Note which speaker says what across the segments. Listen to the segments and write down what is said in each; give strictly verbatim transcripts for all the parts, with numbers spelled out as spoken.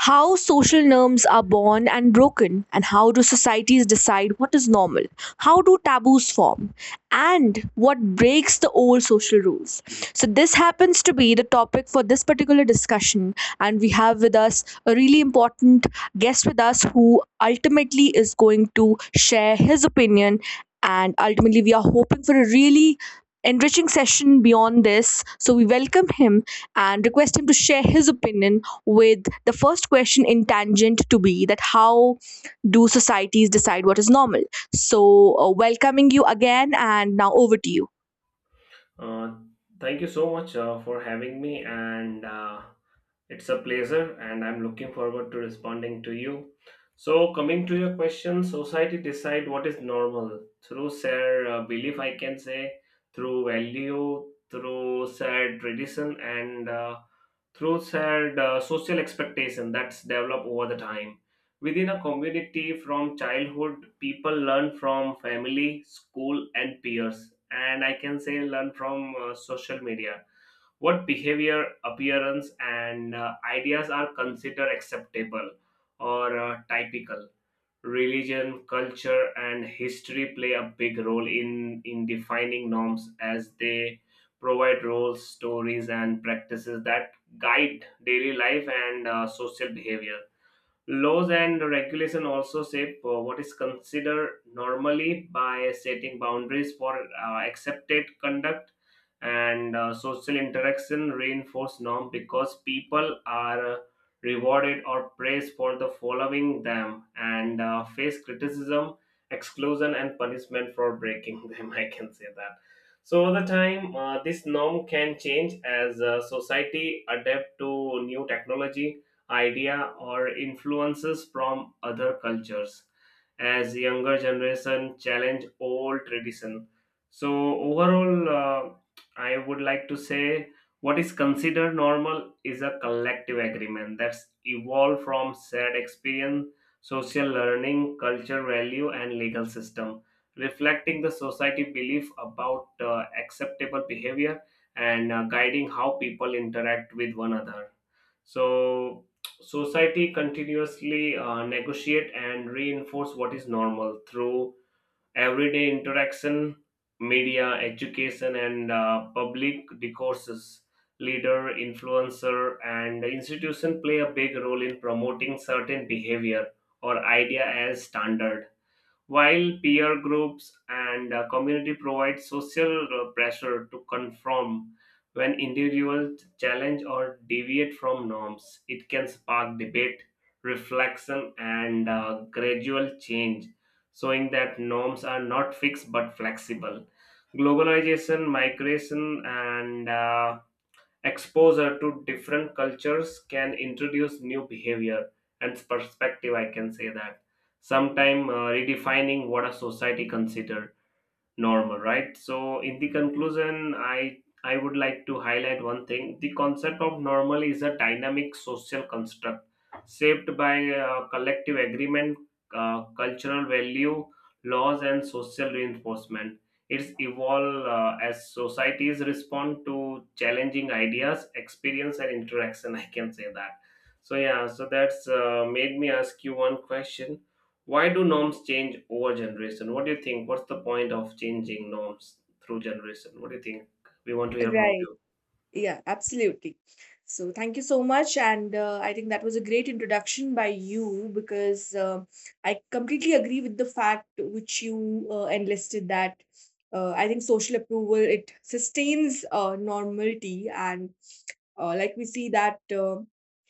Speaker 1: How social norms are born and broken, and how do societies decide what is normal? How do taboos form, and what breaks the old social rules? So this happens to be the topic for this particular discussion, and we have with us a really important guest with us who ultimately is going to share his opinion, and ultimately we are hoping for a really enriching session beyond this. So we welcome him and request him to share his opinion, with the first question in tangent to be that, how do societies decide what is normal? So, uh, welcoming you again, and now over to you.
Speaker 2: Uh, Thank you so much uh, for having me, and uh, it's a pleasure, and I'm looking forward to responding to you. So, coming to your question, society decide what is normal through shared uh, belief, I can say, through value, through shared tradition, and uh, through shared uh, social expectation that's developed over the time. Within a community from childhood, people learn from family, school, and peers, and I can say learn from uh, social media what behavior, appearance, and uh, ideas are considered acceptable or uh, typical. Religion, culture, and history play a big role in, in defining norms as they provide roles, stories, and practices that guide daily life and uh, social behavior. Laws and regulation also shape uh, what is considered normally by setting boundaries for uh, accepted conduct, and uh, social interaction reinforce norm because people are uh, rewarded or praised for the following them, and uh, face criticism, exclusion, and punishment for breaking them, I can say that. So over the time, uh, this norm can change as uh, society adapt to new technology, idea, or influences from other cultures, as younger generation challenge old tradition. So overall, uh, I would like to say what is considered normal is a collective agreement that's evolved from shared experience, social learning, culture, value, and legal system, reflecting the society belief about uh, acceptable behavior and uh, guiding how people interact with one another. So society continuously uh, negotiate and reinforce what is normal through everyday interaction, media, education, and uh, public discourses. Leader, influencer, and institution play a big role in promoting certain behavior or idea as standard, while peer groups and uh, community provide social uh, pressure to conform. When individuals challenge or deviate from norms, it can spark debate, reflection, and uh, gradual change, showing that norms are not fixed but flexible. Globalization, migration, and uh, exposure to different cultures can introduce new behavior and perspective. I can say that sometime, uh, redefining what a society consider normal, right? So in the conclusion, i i would like to highlight one thing. The concept of normal is a dynamic social construct shaped by uh, collective agreement, uh, cultural value, laws, and social reinforcement. It's evolve uh, as societies respond to challenging ideas, experience, and interaction, I can say that. So yeah, so that's uh, made me ask you one question: why do norms change over generation? What do you think? What's the point of changing norms through generation? What do you think? We want to hear from
Speaker 1: Right.
Speaker 2: you.
Speaker 1: Yeah, absolutely. So thank you so much. And uh, I think that was a great introduction by you, because uh, I completely agree with the fact which you uh, enlisted that uh, I think social approval, it sustains uh, normality. And Uh, like we see that uh,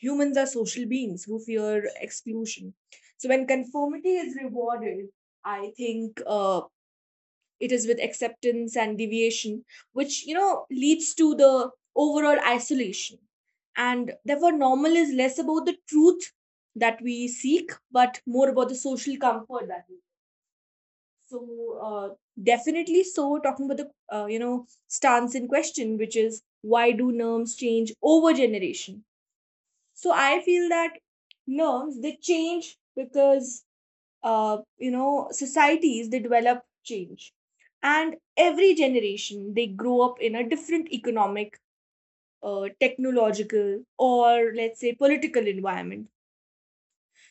Speaker 1: humans are social beings who fear exclusion. So when conformity is rewarded, I think uh, it is with acceptance and deviation, which you know leads to the overall isolation. And therefore, normal is less about the truth that we seek, but more about the social comfort that we. So uh, definitely, so talking about the uh, you know stance in question, which is, why do norms change over generation? So I feel that norms they change because uh, you know societies they develop change, and every generation they grow up in a different economic, uh, technological, or let's say political environment.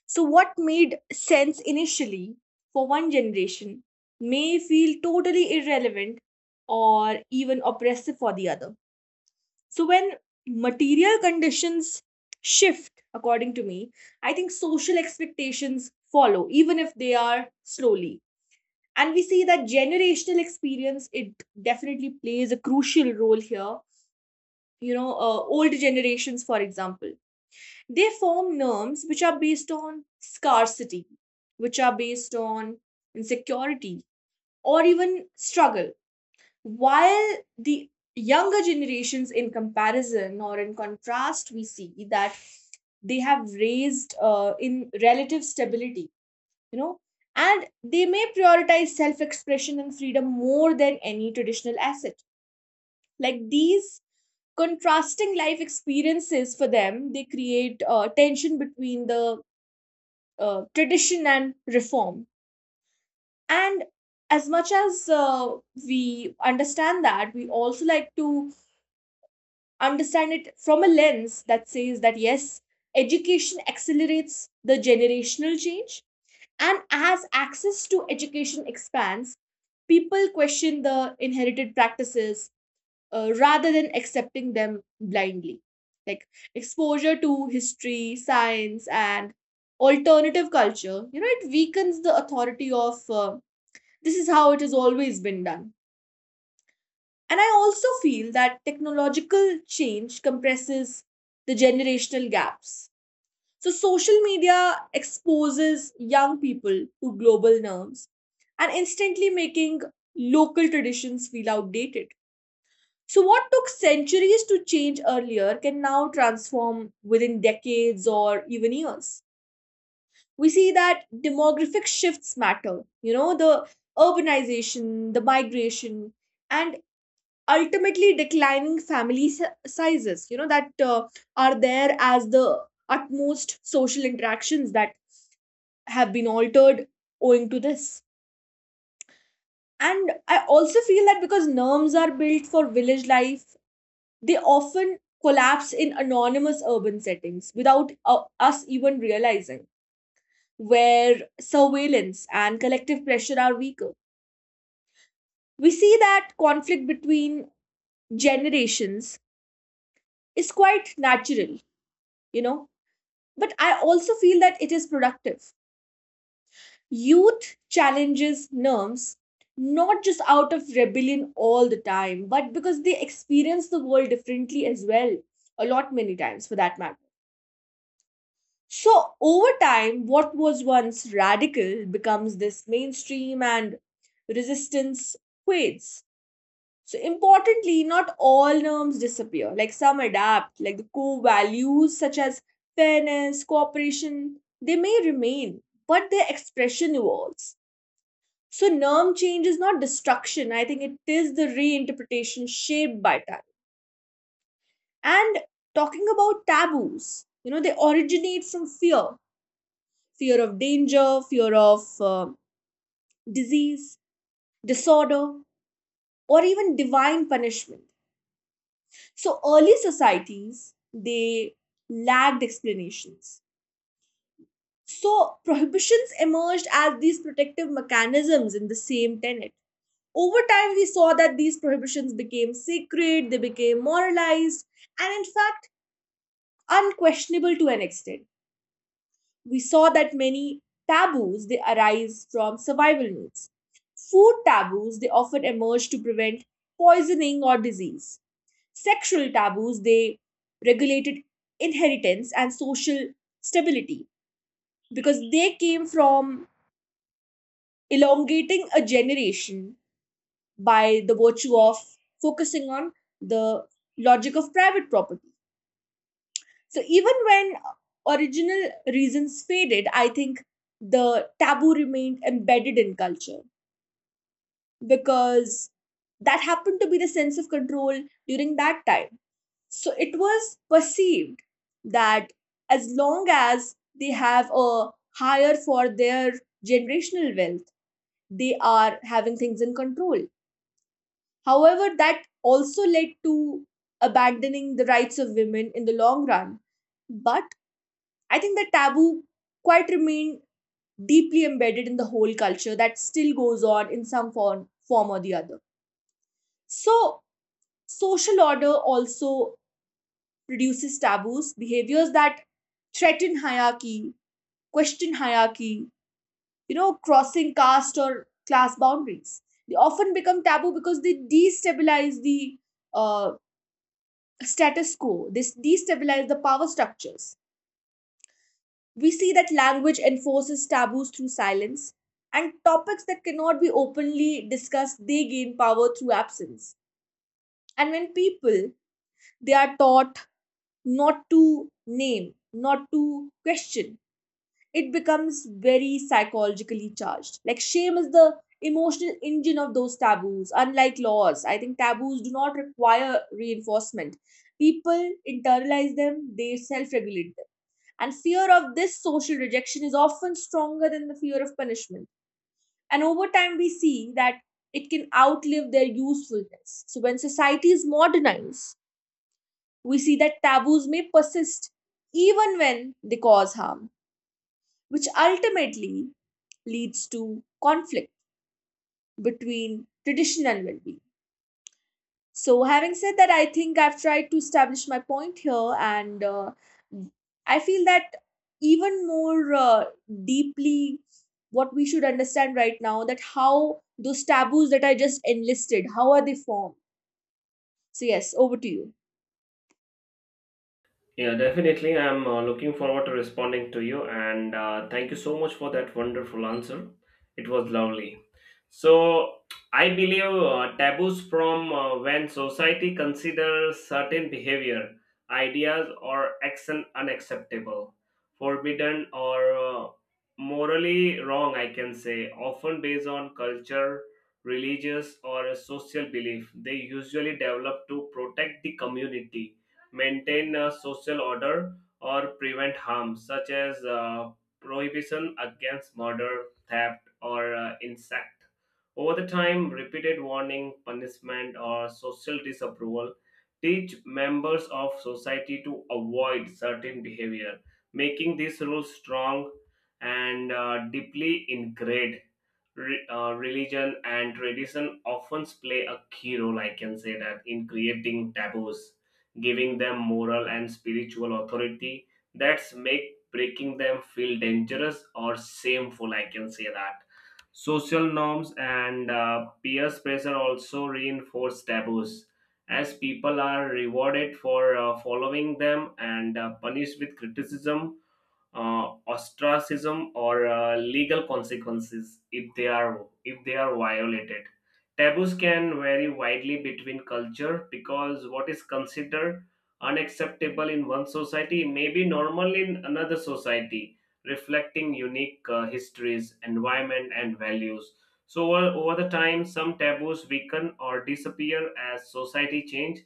Speaker 1: So what made sense initially for one generation may feel totally irrelevant or even oppressive for the other. So when material conditions shift, according to me, I think social expectations follow, even if they are slowly. And we see that generational experience, it definitely plays a crucial role here. You know, uh, old generations, for example, they form norms which are based on scarcity, which are based on insecurity, or even struggle, while the younger generations, in comparison or in contrast, we see that they have raised uh, in relative stability, you know, and they may prioritize self expression and freedom more than any traditional asset. Like these contrasting life experiences for them, they create uh, tension between the uh, tradition and reform. And as much as uh, we understand that, we also like to understand it from a lens that says that yes, education accelerates the generational change. And as access to education expands, people question the inherited practices uh, rather than accepting them blindly. Like exposure to history, science, and alternative culture, you know, it weakens the authority of uh, this is how it has always been done. And I also feel that technological change compresses the generational gaps. So, social media exposes young people to global norms and instantly making local traditions feel outdated. So, what took centuries to change earlier can now transform within decades or even years. We see that demographic shifts matter, you know, the urbanization, the migration, and ultimately declining family si- sizes, you know, that uh, are there, as the utmost social interactions that have been altered owing to this. And I also feel that because norms are built for village life, they often collapse in anonymous urban settings without uh, us even realizing, where surveillance and collective pressure are weaker. We see that conflict between generations is quite natural, you know, but I also feel that it is productive. Youth challenges norms, not just out of rebellion all the time, but because they experience the world differently as well, a lot many times for that matter. So over time, what was once radical becomes this mainstream, and resistance fades. So importantly, not all norms disappear. Like some adapt, like the core values such as fairness, cooperation, they may remain, but their expression evolves. So norm change is not destruction. I think it is the reinterpretation shaped by time. And talking about taboos, you know, they originate from fear, fear of danger, fear of uh, disease, disorder, or even divine punishment. So early societies they lacked explanations. So prohibitions emerged as these protective mechanisms in the same tenet. Over time, we saw that these prohibitions became sacred, they became moralized, and in fact, unquestionable to an extent. We saw that many taboos they arise from survival needs. Food taboos they often emerge to prevent poisoning or disease. Sexual taboos, they regulated inheritance and social stability, because they came from elongating a generation by the virtue of focusing on the logic of private property. So even when original reasons faded, I think the taboo remained embedded in culture, because that happened to be the sense of control during that time. So it was perceived that as long as they have a higher for their generational wealth, they are having things in control. However, that also led to abandoning the rights of women in the long run. But I think the taboo quite remained deeply embedded in the whole culture that still goes on in some form, form or the other. So social order also produces taboos, behaviors that threaten hierarchy, question hierarchy, you know, crossing caste or class boundaries. They often become taboo because they destabilize the uh, status quo, they destabilize the power structures. We see that language enforces taboos through silence, and topics that cannot be openly discussed they gain power through absence. And when people they are taught not to name, not to question, it becomes very psychologically charged. Like shame is the emotional engine of those taboos. Unlike laws, I think taboos do not require reinforcement. People internalize them, they self regulate them. And fear of this social rejection is often stronger than the fear of punishment. And over time, we see that it can outlive their usefulness. So when societies modernize, we see that taboos may persist even when they cause harm, which ultimately leads to conflict between tradition and well being. So, having said that, I think I've tried to establish my point here, and uh, I feel that even more uh, deeply, what we should understand right now, that how those taboos that I just enlisted, how are they formed? So, yes, over to you.
Speaker 2: Yeah, definitely. I'm uh, looking forward to responding to you, and uh, thank you so much for that wonderful answer. It was lovely. So, I believe uh, taboos from uh, when society considers certain behavior, ideas, or action unacceptable, forbidden, or uh, morally wrong, I can say, often based on culture, religious, or social belief. They usually develop to protect the community, maintain a social order, or prevent harm, such as uh, prohibition against murder, theft, or uh, insect. Over the time, repeated warning, punishment, or social disapproval teach members of society to avoid certain behavior, making these rules strong and uh, deeply ingrained. Re- uh, religion and tradition often play a key role, I can say that, in creating taboos, giving them moral and spiritual authority, that's make breaking them feel dangerous or shameful, I can say that. Social norms and uh, peer pressure also reinforce taboos as people are rewarded for uh, following them and uh, punished with criticism, uh, ostracism, or uh, legal consequences if they are if they are violated. Taboos can vary widely between culture because what is considered unacceptable in one society may be normal in another society, reflecting unique uh, histories, environment, and values. So over, over the time, some taboos weaken or disappear as society change,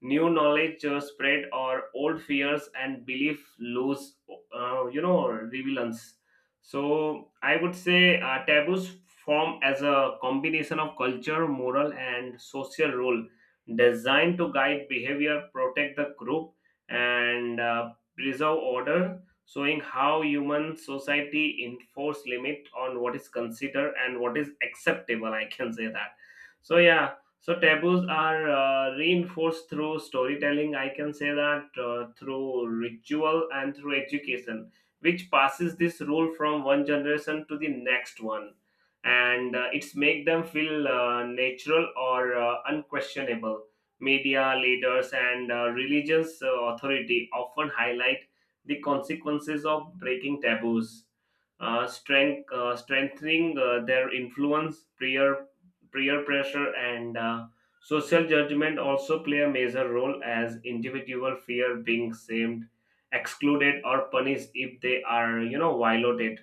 Speaker 2: new knowledge uh, spread, or old fears and belief lose uh, you know relevance. So I would say uh, taboos form as a combination of culture, moral, and social role, designed to guide behavior, protect the group, and uh, preserve order, showing how human society enforce limit on what is considered and what is acceptable, I can say that. So yeah, so taboos are uh, reinforced through storytelling, I can say that, uh, through ritual and through education, which passes this rule from one generation to the next one, and uh, it's make them feel uh, natural or uh, unquestionable. Media leaders and uh, religious uh, authority often highlight the consequences of breaking taboos, uh, strength, uh, strengthening uh, their influence. Prayer, peer pressure, and uh, social judgment also play a major role as individual fear being shamed, excluded, or punished if they are you know violated.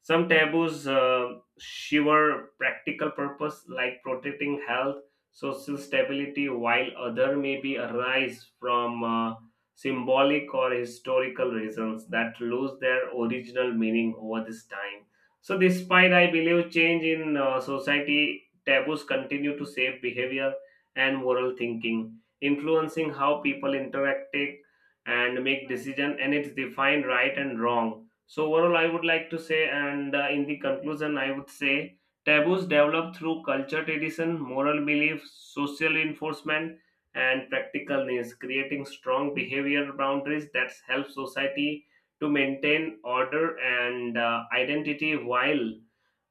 Speaker 2: Some taboos uh, shiver practical purpose like protecting health, social stability, while other may be arise from uh, symbolic or historical reasons that lose their original meaning over this time. So despite, I believe, change in uh, society, taboos continue to shape behavior and moral thinking, influencing how people interact, take, and make decisions, and it's defined right and wrong. So overall, I would like to say, and uh, in the conclusion, I would say taboos develop through culture, tradition, moral belief, social enforcement, and practical needs, creating strong behavioral boundaries that help society to maintain order and uh, identity, while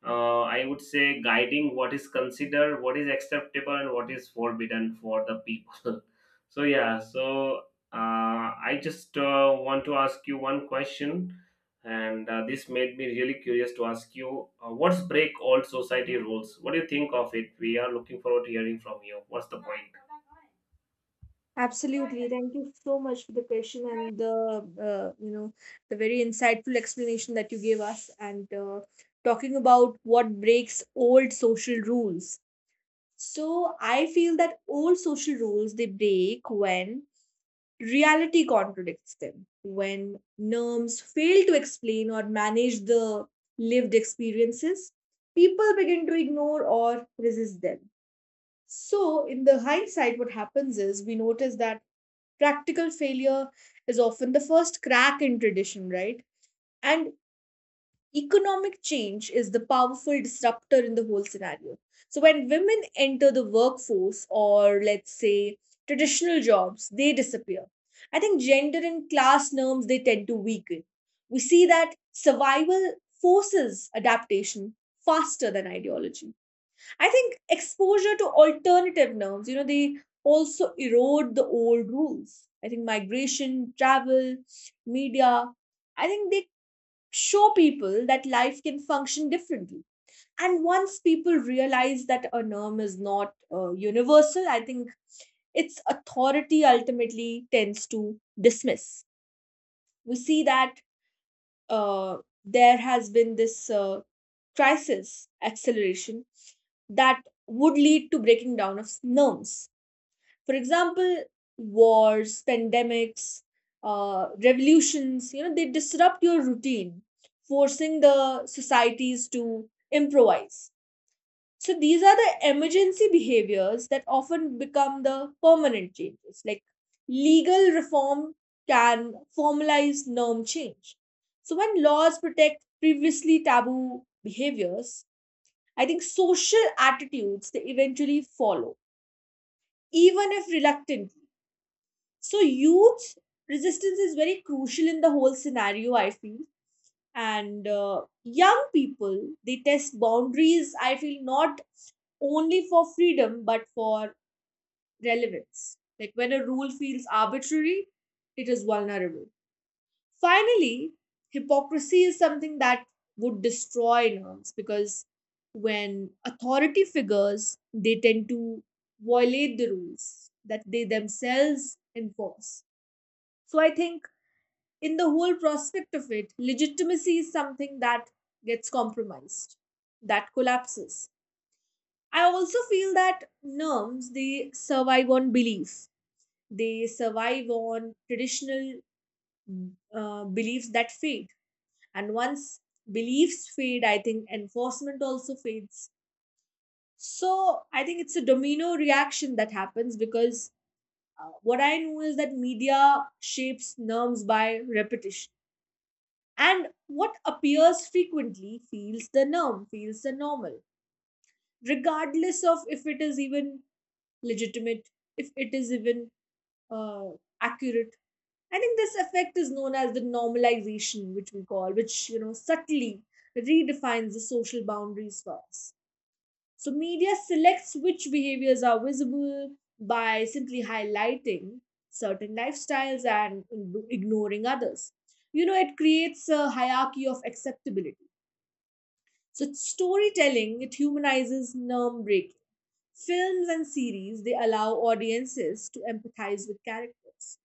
Speaker 2: uh, I would say guiding what is considered, what is acceptable, and what is forbidden for the people. So yeah, so uh, I just uh, want to ask you one question, and uh, this made me really curious to ask you, uh, what's break all society rules? What do you think of it? We are looking forward to hearing from you. What's the point?
Speaker 1: Absolutely. Thank you so much for the question and the uh, you know the very insightful explanation that you gave us, and uh, talking about what breaks old social rules. So I feel that old social rules they break when reality contradicts them. When norms fail to explain or manage the lived experiences, people begin to ignore or resist them. So in the hindsight, what happens is we notice that practical failure is often the first crack in tradition, right? And economic change is the powerful disruptor in the whole scenario. So when women enter the workforce, or let's say traditional jobs, they disappear, I think gender and class norms they tend to weaken. We see that survival forces adaptation faster than ideology. I think exposure to alternative norms, you know, they also erode the old rules. I think migration, travel, media, I think they show people that life can function differently. And once people realize that a norm is not uh, universal, I think its authority ultimately tends to dismiss. We see that uh, there has been this uh, crisis acceleration that would lead to breaking down of norms. For example, wars, pandemics, uh, revolutions, you know, they disrupt your routine, forcing the societies to improvise. So these are the emergency behaviors that often become the permanent changes. Like legal reform can formalize norm change. So when laws protect previously taboo behaviors, I think social attitudes they eventually follow, even if reluctantly. So youth resistance is very crucial in the whole scenario, I feel, and uh, young people they test boundaries, I feel, not only for freedom but for relevance. Like when a rule feels arbitrary, it is vulnerable. Finally, hypocrisy is something that would destroy norms, because when authority figures they tend to violate the rules that they themselves enforce, so I think in the whole prospect of it, legitimacy is something that gets compromised, that collapses. I also feel that norms they survive on belief, they survive on traditional uh, beliefs that fade, and once beliefs fade, I think enforcement also fades. So I think it's a domino reaction that happens, because uh, what I know is that media shapes norms by repetition. And what appears frequently feels the norm, feels the normal, regardless of if it is even legitimate, if it is even uh, accurate. I think this effect is known as the normalization, which we call, which you know subtly redefines the social boundaries for us. So media selects which behaviors are visible by simply highlighting certain lifestyles and ignoring others. You know, it creates a hierarchy of acceptability. So storytelling it humanizes nerve breaking. Films and series they allow audiences to empathize with characters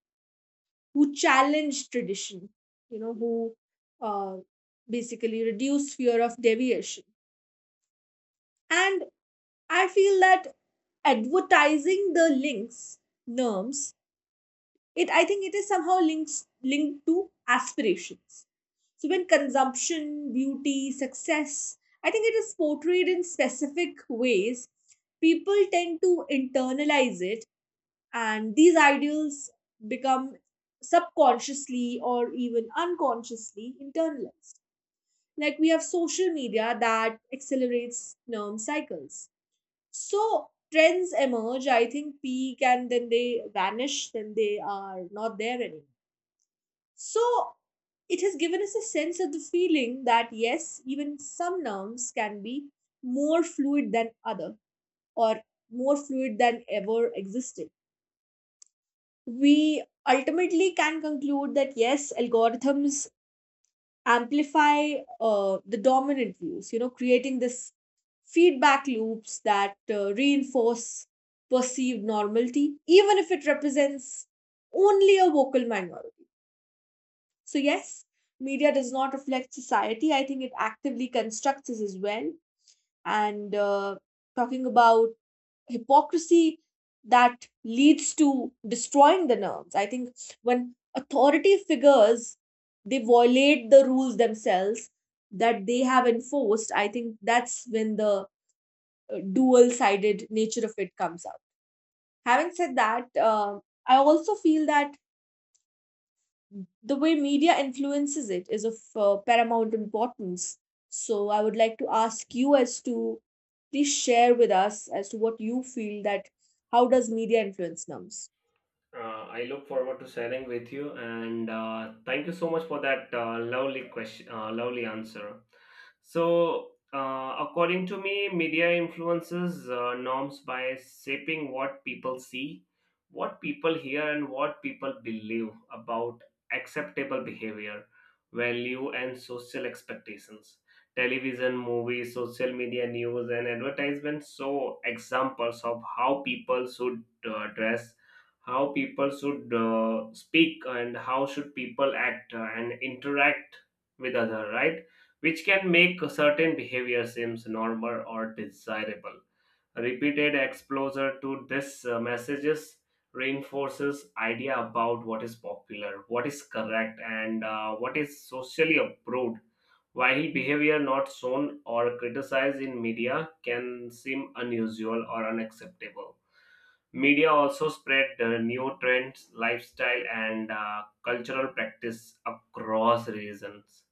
Speaker 1: who challenge tradition, you know, who uh, basically reduce fear of deviation. And I feel that advertising the links norms, it I think it is somehow links linked to aspirations. So when consumption, beauty, success, I think it is portrayed in specific ways, people tend to internalize it and these ideals become subconsciously or even unconsciously internalized. Like we have social media that accelerates norm cycles. So trends emerge, I think peak and then they vanish, then they are not there anymore. So it has given us a sense of the feeling that yes, even some nouns can be more fluid than other or more fluid than ever existed. We ultimately can conclude that yes, algorithms amplify uh, the dominant views, you know, creating this feedback loops that uh, reinforce perceived normality, even if it represents only a vocal minority. So, yes, media does not reflect society. I think it actively constructs us as well. And uh, Talking about hypocrisy that leads to destroying the norms, I think when authority figures they violate the rules themselves that they have enforced, I think that's when the uh, dual sided nature of it comes out. Having said that, uh, I also feel that the way media influences it is of uh, paramount importance. So I would like to ask you as to please share with us as to what you feel that how does media influence norms?
Speaker 2: Uh, I look forward to sharing with you, and uh, thank you so much for that uh, lovely question, uh, lovely answer. So, uh, according to me, media influences uh, norms by shaping what people see, what people hear, and what people believe about acceptable behavior, value, and social expectations. Television, movies, social media, news, and advertisements show examples of how people should uh, dress, how people should uh, speak, and how should people act uh, and interact with other, right, which can make certain behavior seems normal or desirable. Repeated exposure to these uh, messages reinforces idea about what is popular, what is correct, and uh, what is socially approved. While behavior not shown or criticized in media can seem unusual or unacceptable, media also spread the new trends, lifestyle, and uh, cultural practice across regions,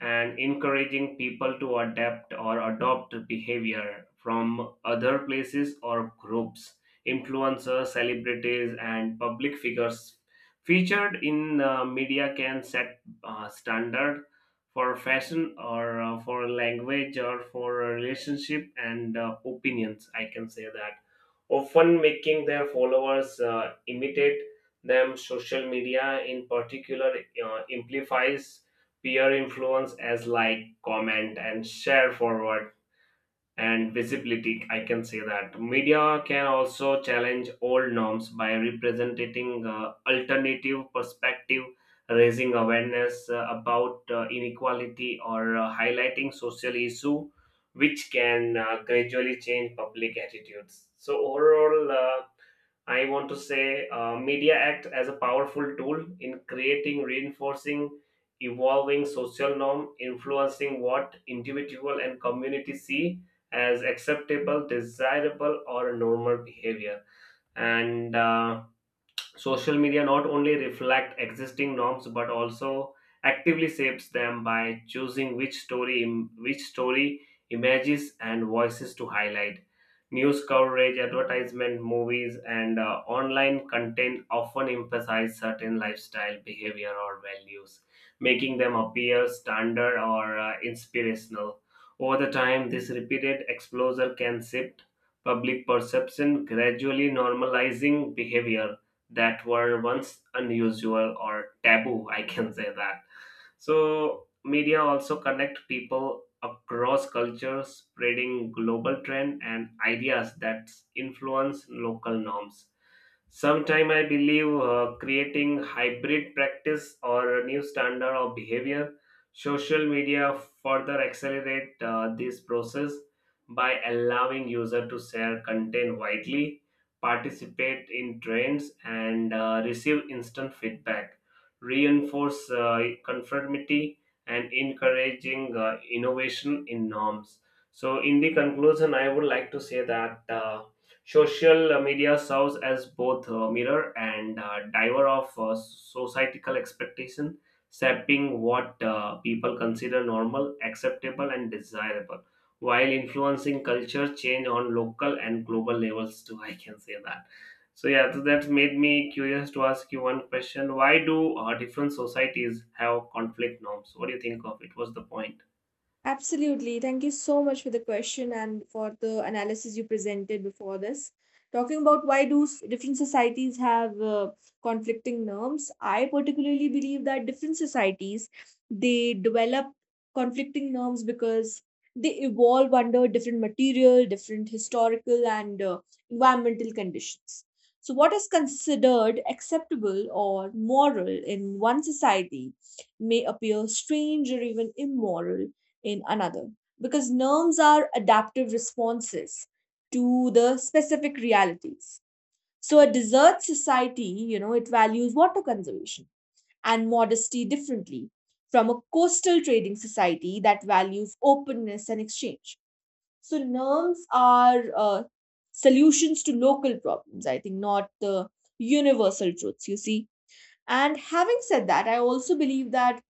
Speaker 2: and encouraging people to adapt or adopt behavior from other places or groups. Influencers, celebrities, and public figures featured in uh, media can set uh, standard for fashion, or uh, for language, or for relationship and uh, opinions. I can say that, often making their followers uh, imitate them. Social media, in particular, uh, amplifies peer influence, as like comment and share forward and visibility, I can say that. Media can also challenge old norms by representing uh, alternative perspective, raising awareness uh, about uh, inequality, or uh, highlighting social issue, which can uh, gradually change public attitudes. So overall, uh, I want to say uh, media act as a powerful tool in creating, reinforcing, evolving social norm, influencing what individual and community see as acceptable, desirable, or normal behavior. And uh, social media not only reflect existing norms but also actively shapes them by choosing which story which story images, and voices to highlight. News coverage, advertisement, movies, and uh, online content often emphasize certain lifestyle behavior or values, making them appear standard or uh, inspirational. Over the time, this repeated exposure can shift public perception, gradually normalizing behavior that were once unusual or taboo, I can say that. So media also connect people across cultures, spreading global trend and ideas that influence local norms. Sometime I believe, uh, creating hybrid practice or a new standard of behavior, social media further accelerate uh, this process by allowing user to share content widely, participate in trends, and uh, receive instant feedback, reinforce uh, conformity, and encouraging uh, innovation in norms. So, in the conclusion, I would like to say that. Uh, Social media serves as both a mirror and a diver of uh, societal expectation, shaping what uh, people consider normal, acceptable, and desirable, while influencing culture change on local and global levels too. I can say that. So yeah, so that made me curious to ask you one question: why do uh, different societies have conflict norms? What do you think of it? What's the point?
Speaker 1: Absolutely. Thank you so much for the question and for the analysis you presented before this. Talking about why do s- different societies have uh, conflicting norms, I particularly believe that different societies they develop conflicting norms because they evolve under different material, different historical and uh, environmental conditions. So what is considered acceptable or moral in one society may appear strange or even immoral in another, because norms are adaptive responses to the specific realities. So a desert society, you know, it values water conservation and modesty differently from a coastal trading society that values openness and exchange. So norms are uh, solutions to local problems, I think, not the universal truths, you see. And having said that, I also believe that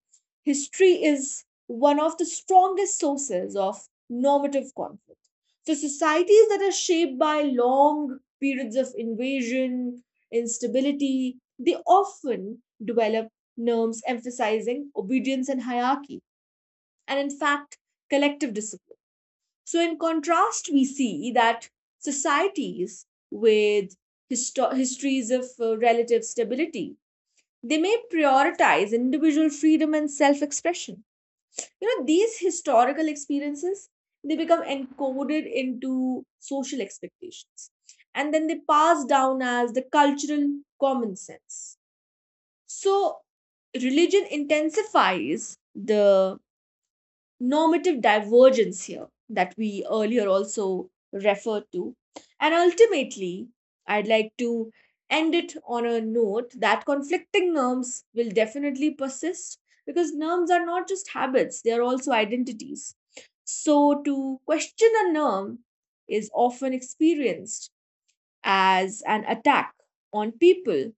Speaker 1: history is one of the strongest sources of normative conflict. So, societies that are shaped by long periods of invasion, instability, they often develop norms emphasizing obedience and hierarchy, and in fact, collective discipline. So, in contrast, we see that societies with histo- histories of uh, relative stability they may prioritize individual freedom and self expression. You know, these historical experiences they become encoded into social expectations and then they pass down as the cultural common sense. So religion intensifies the normative divergence here that we earlier also referred to. And ultimately, I'd like to end it on a note that conflicting norms will definitely persist because norms are not just habits, they are also identities. So, to question a norm is often experienced as an attack on people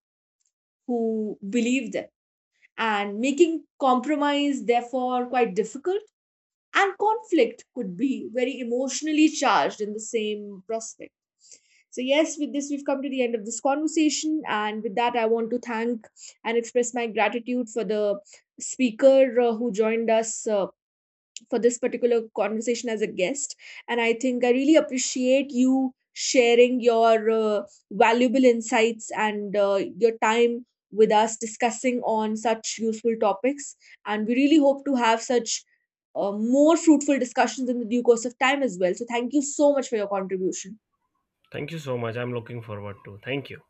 Speaker 1: who believe them, and making compromise, therefore, quite difficult and conflict could be very emotionally charged in the same prospect. So, yes, with this, we've come to the end of this conversation. And with that, I want to thank and express my gratitude for the speaker uh, who joined us uh, for this particular conversation as a guest. And I think I really appreciate you sharing your uh, valuable insights and uh, your time with us discussing on such useful topics. And we really hope to have such uh, more fruitful discussions in the due course of time as well. So, thank you so much for your contribution.
Speaker 2: Thank you so much. I'm looking forward to. Thank you.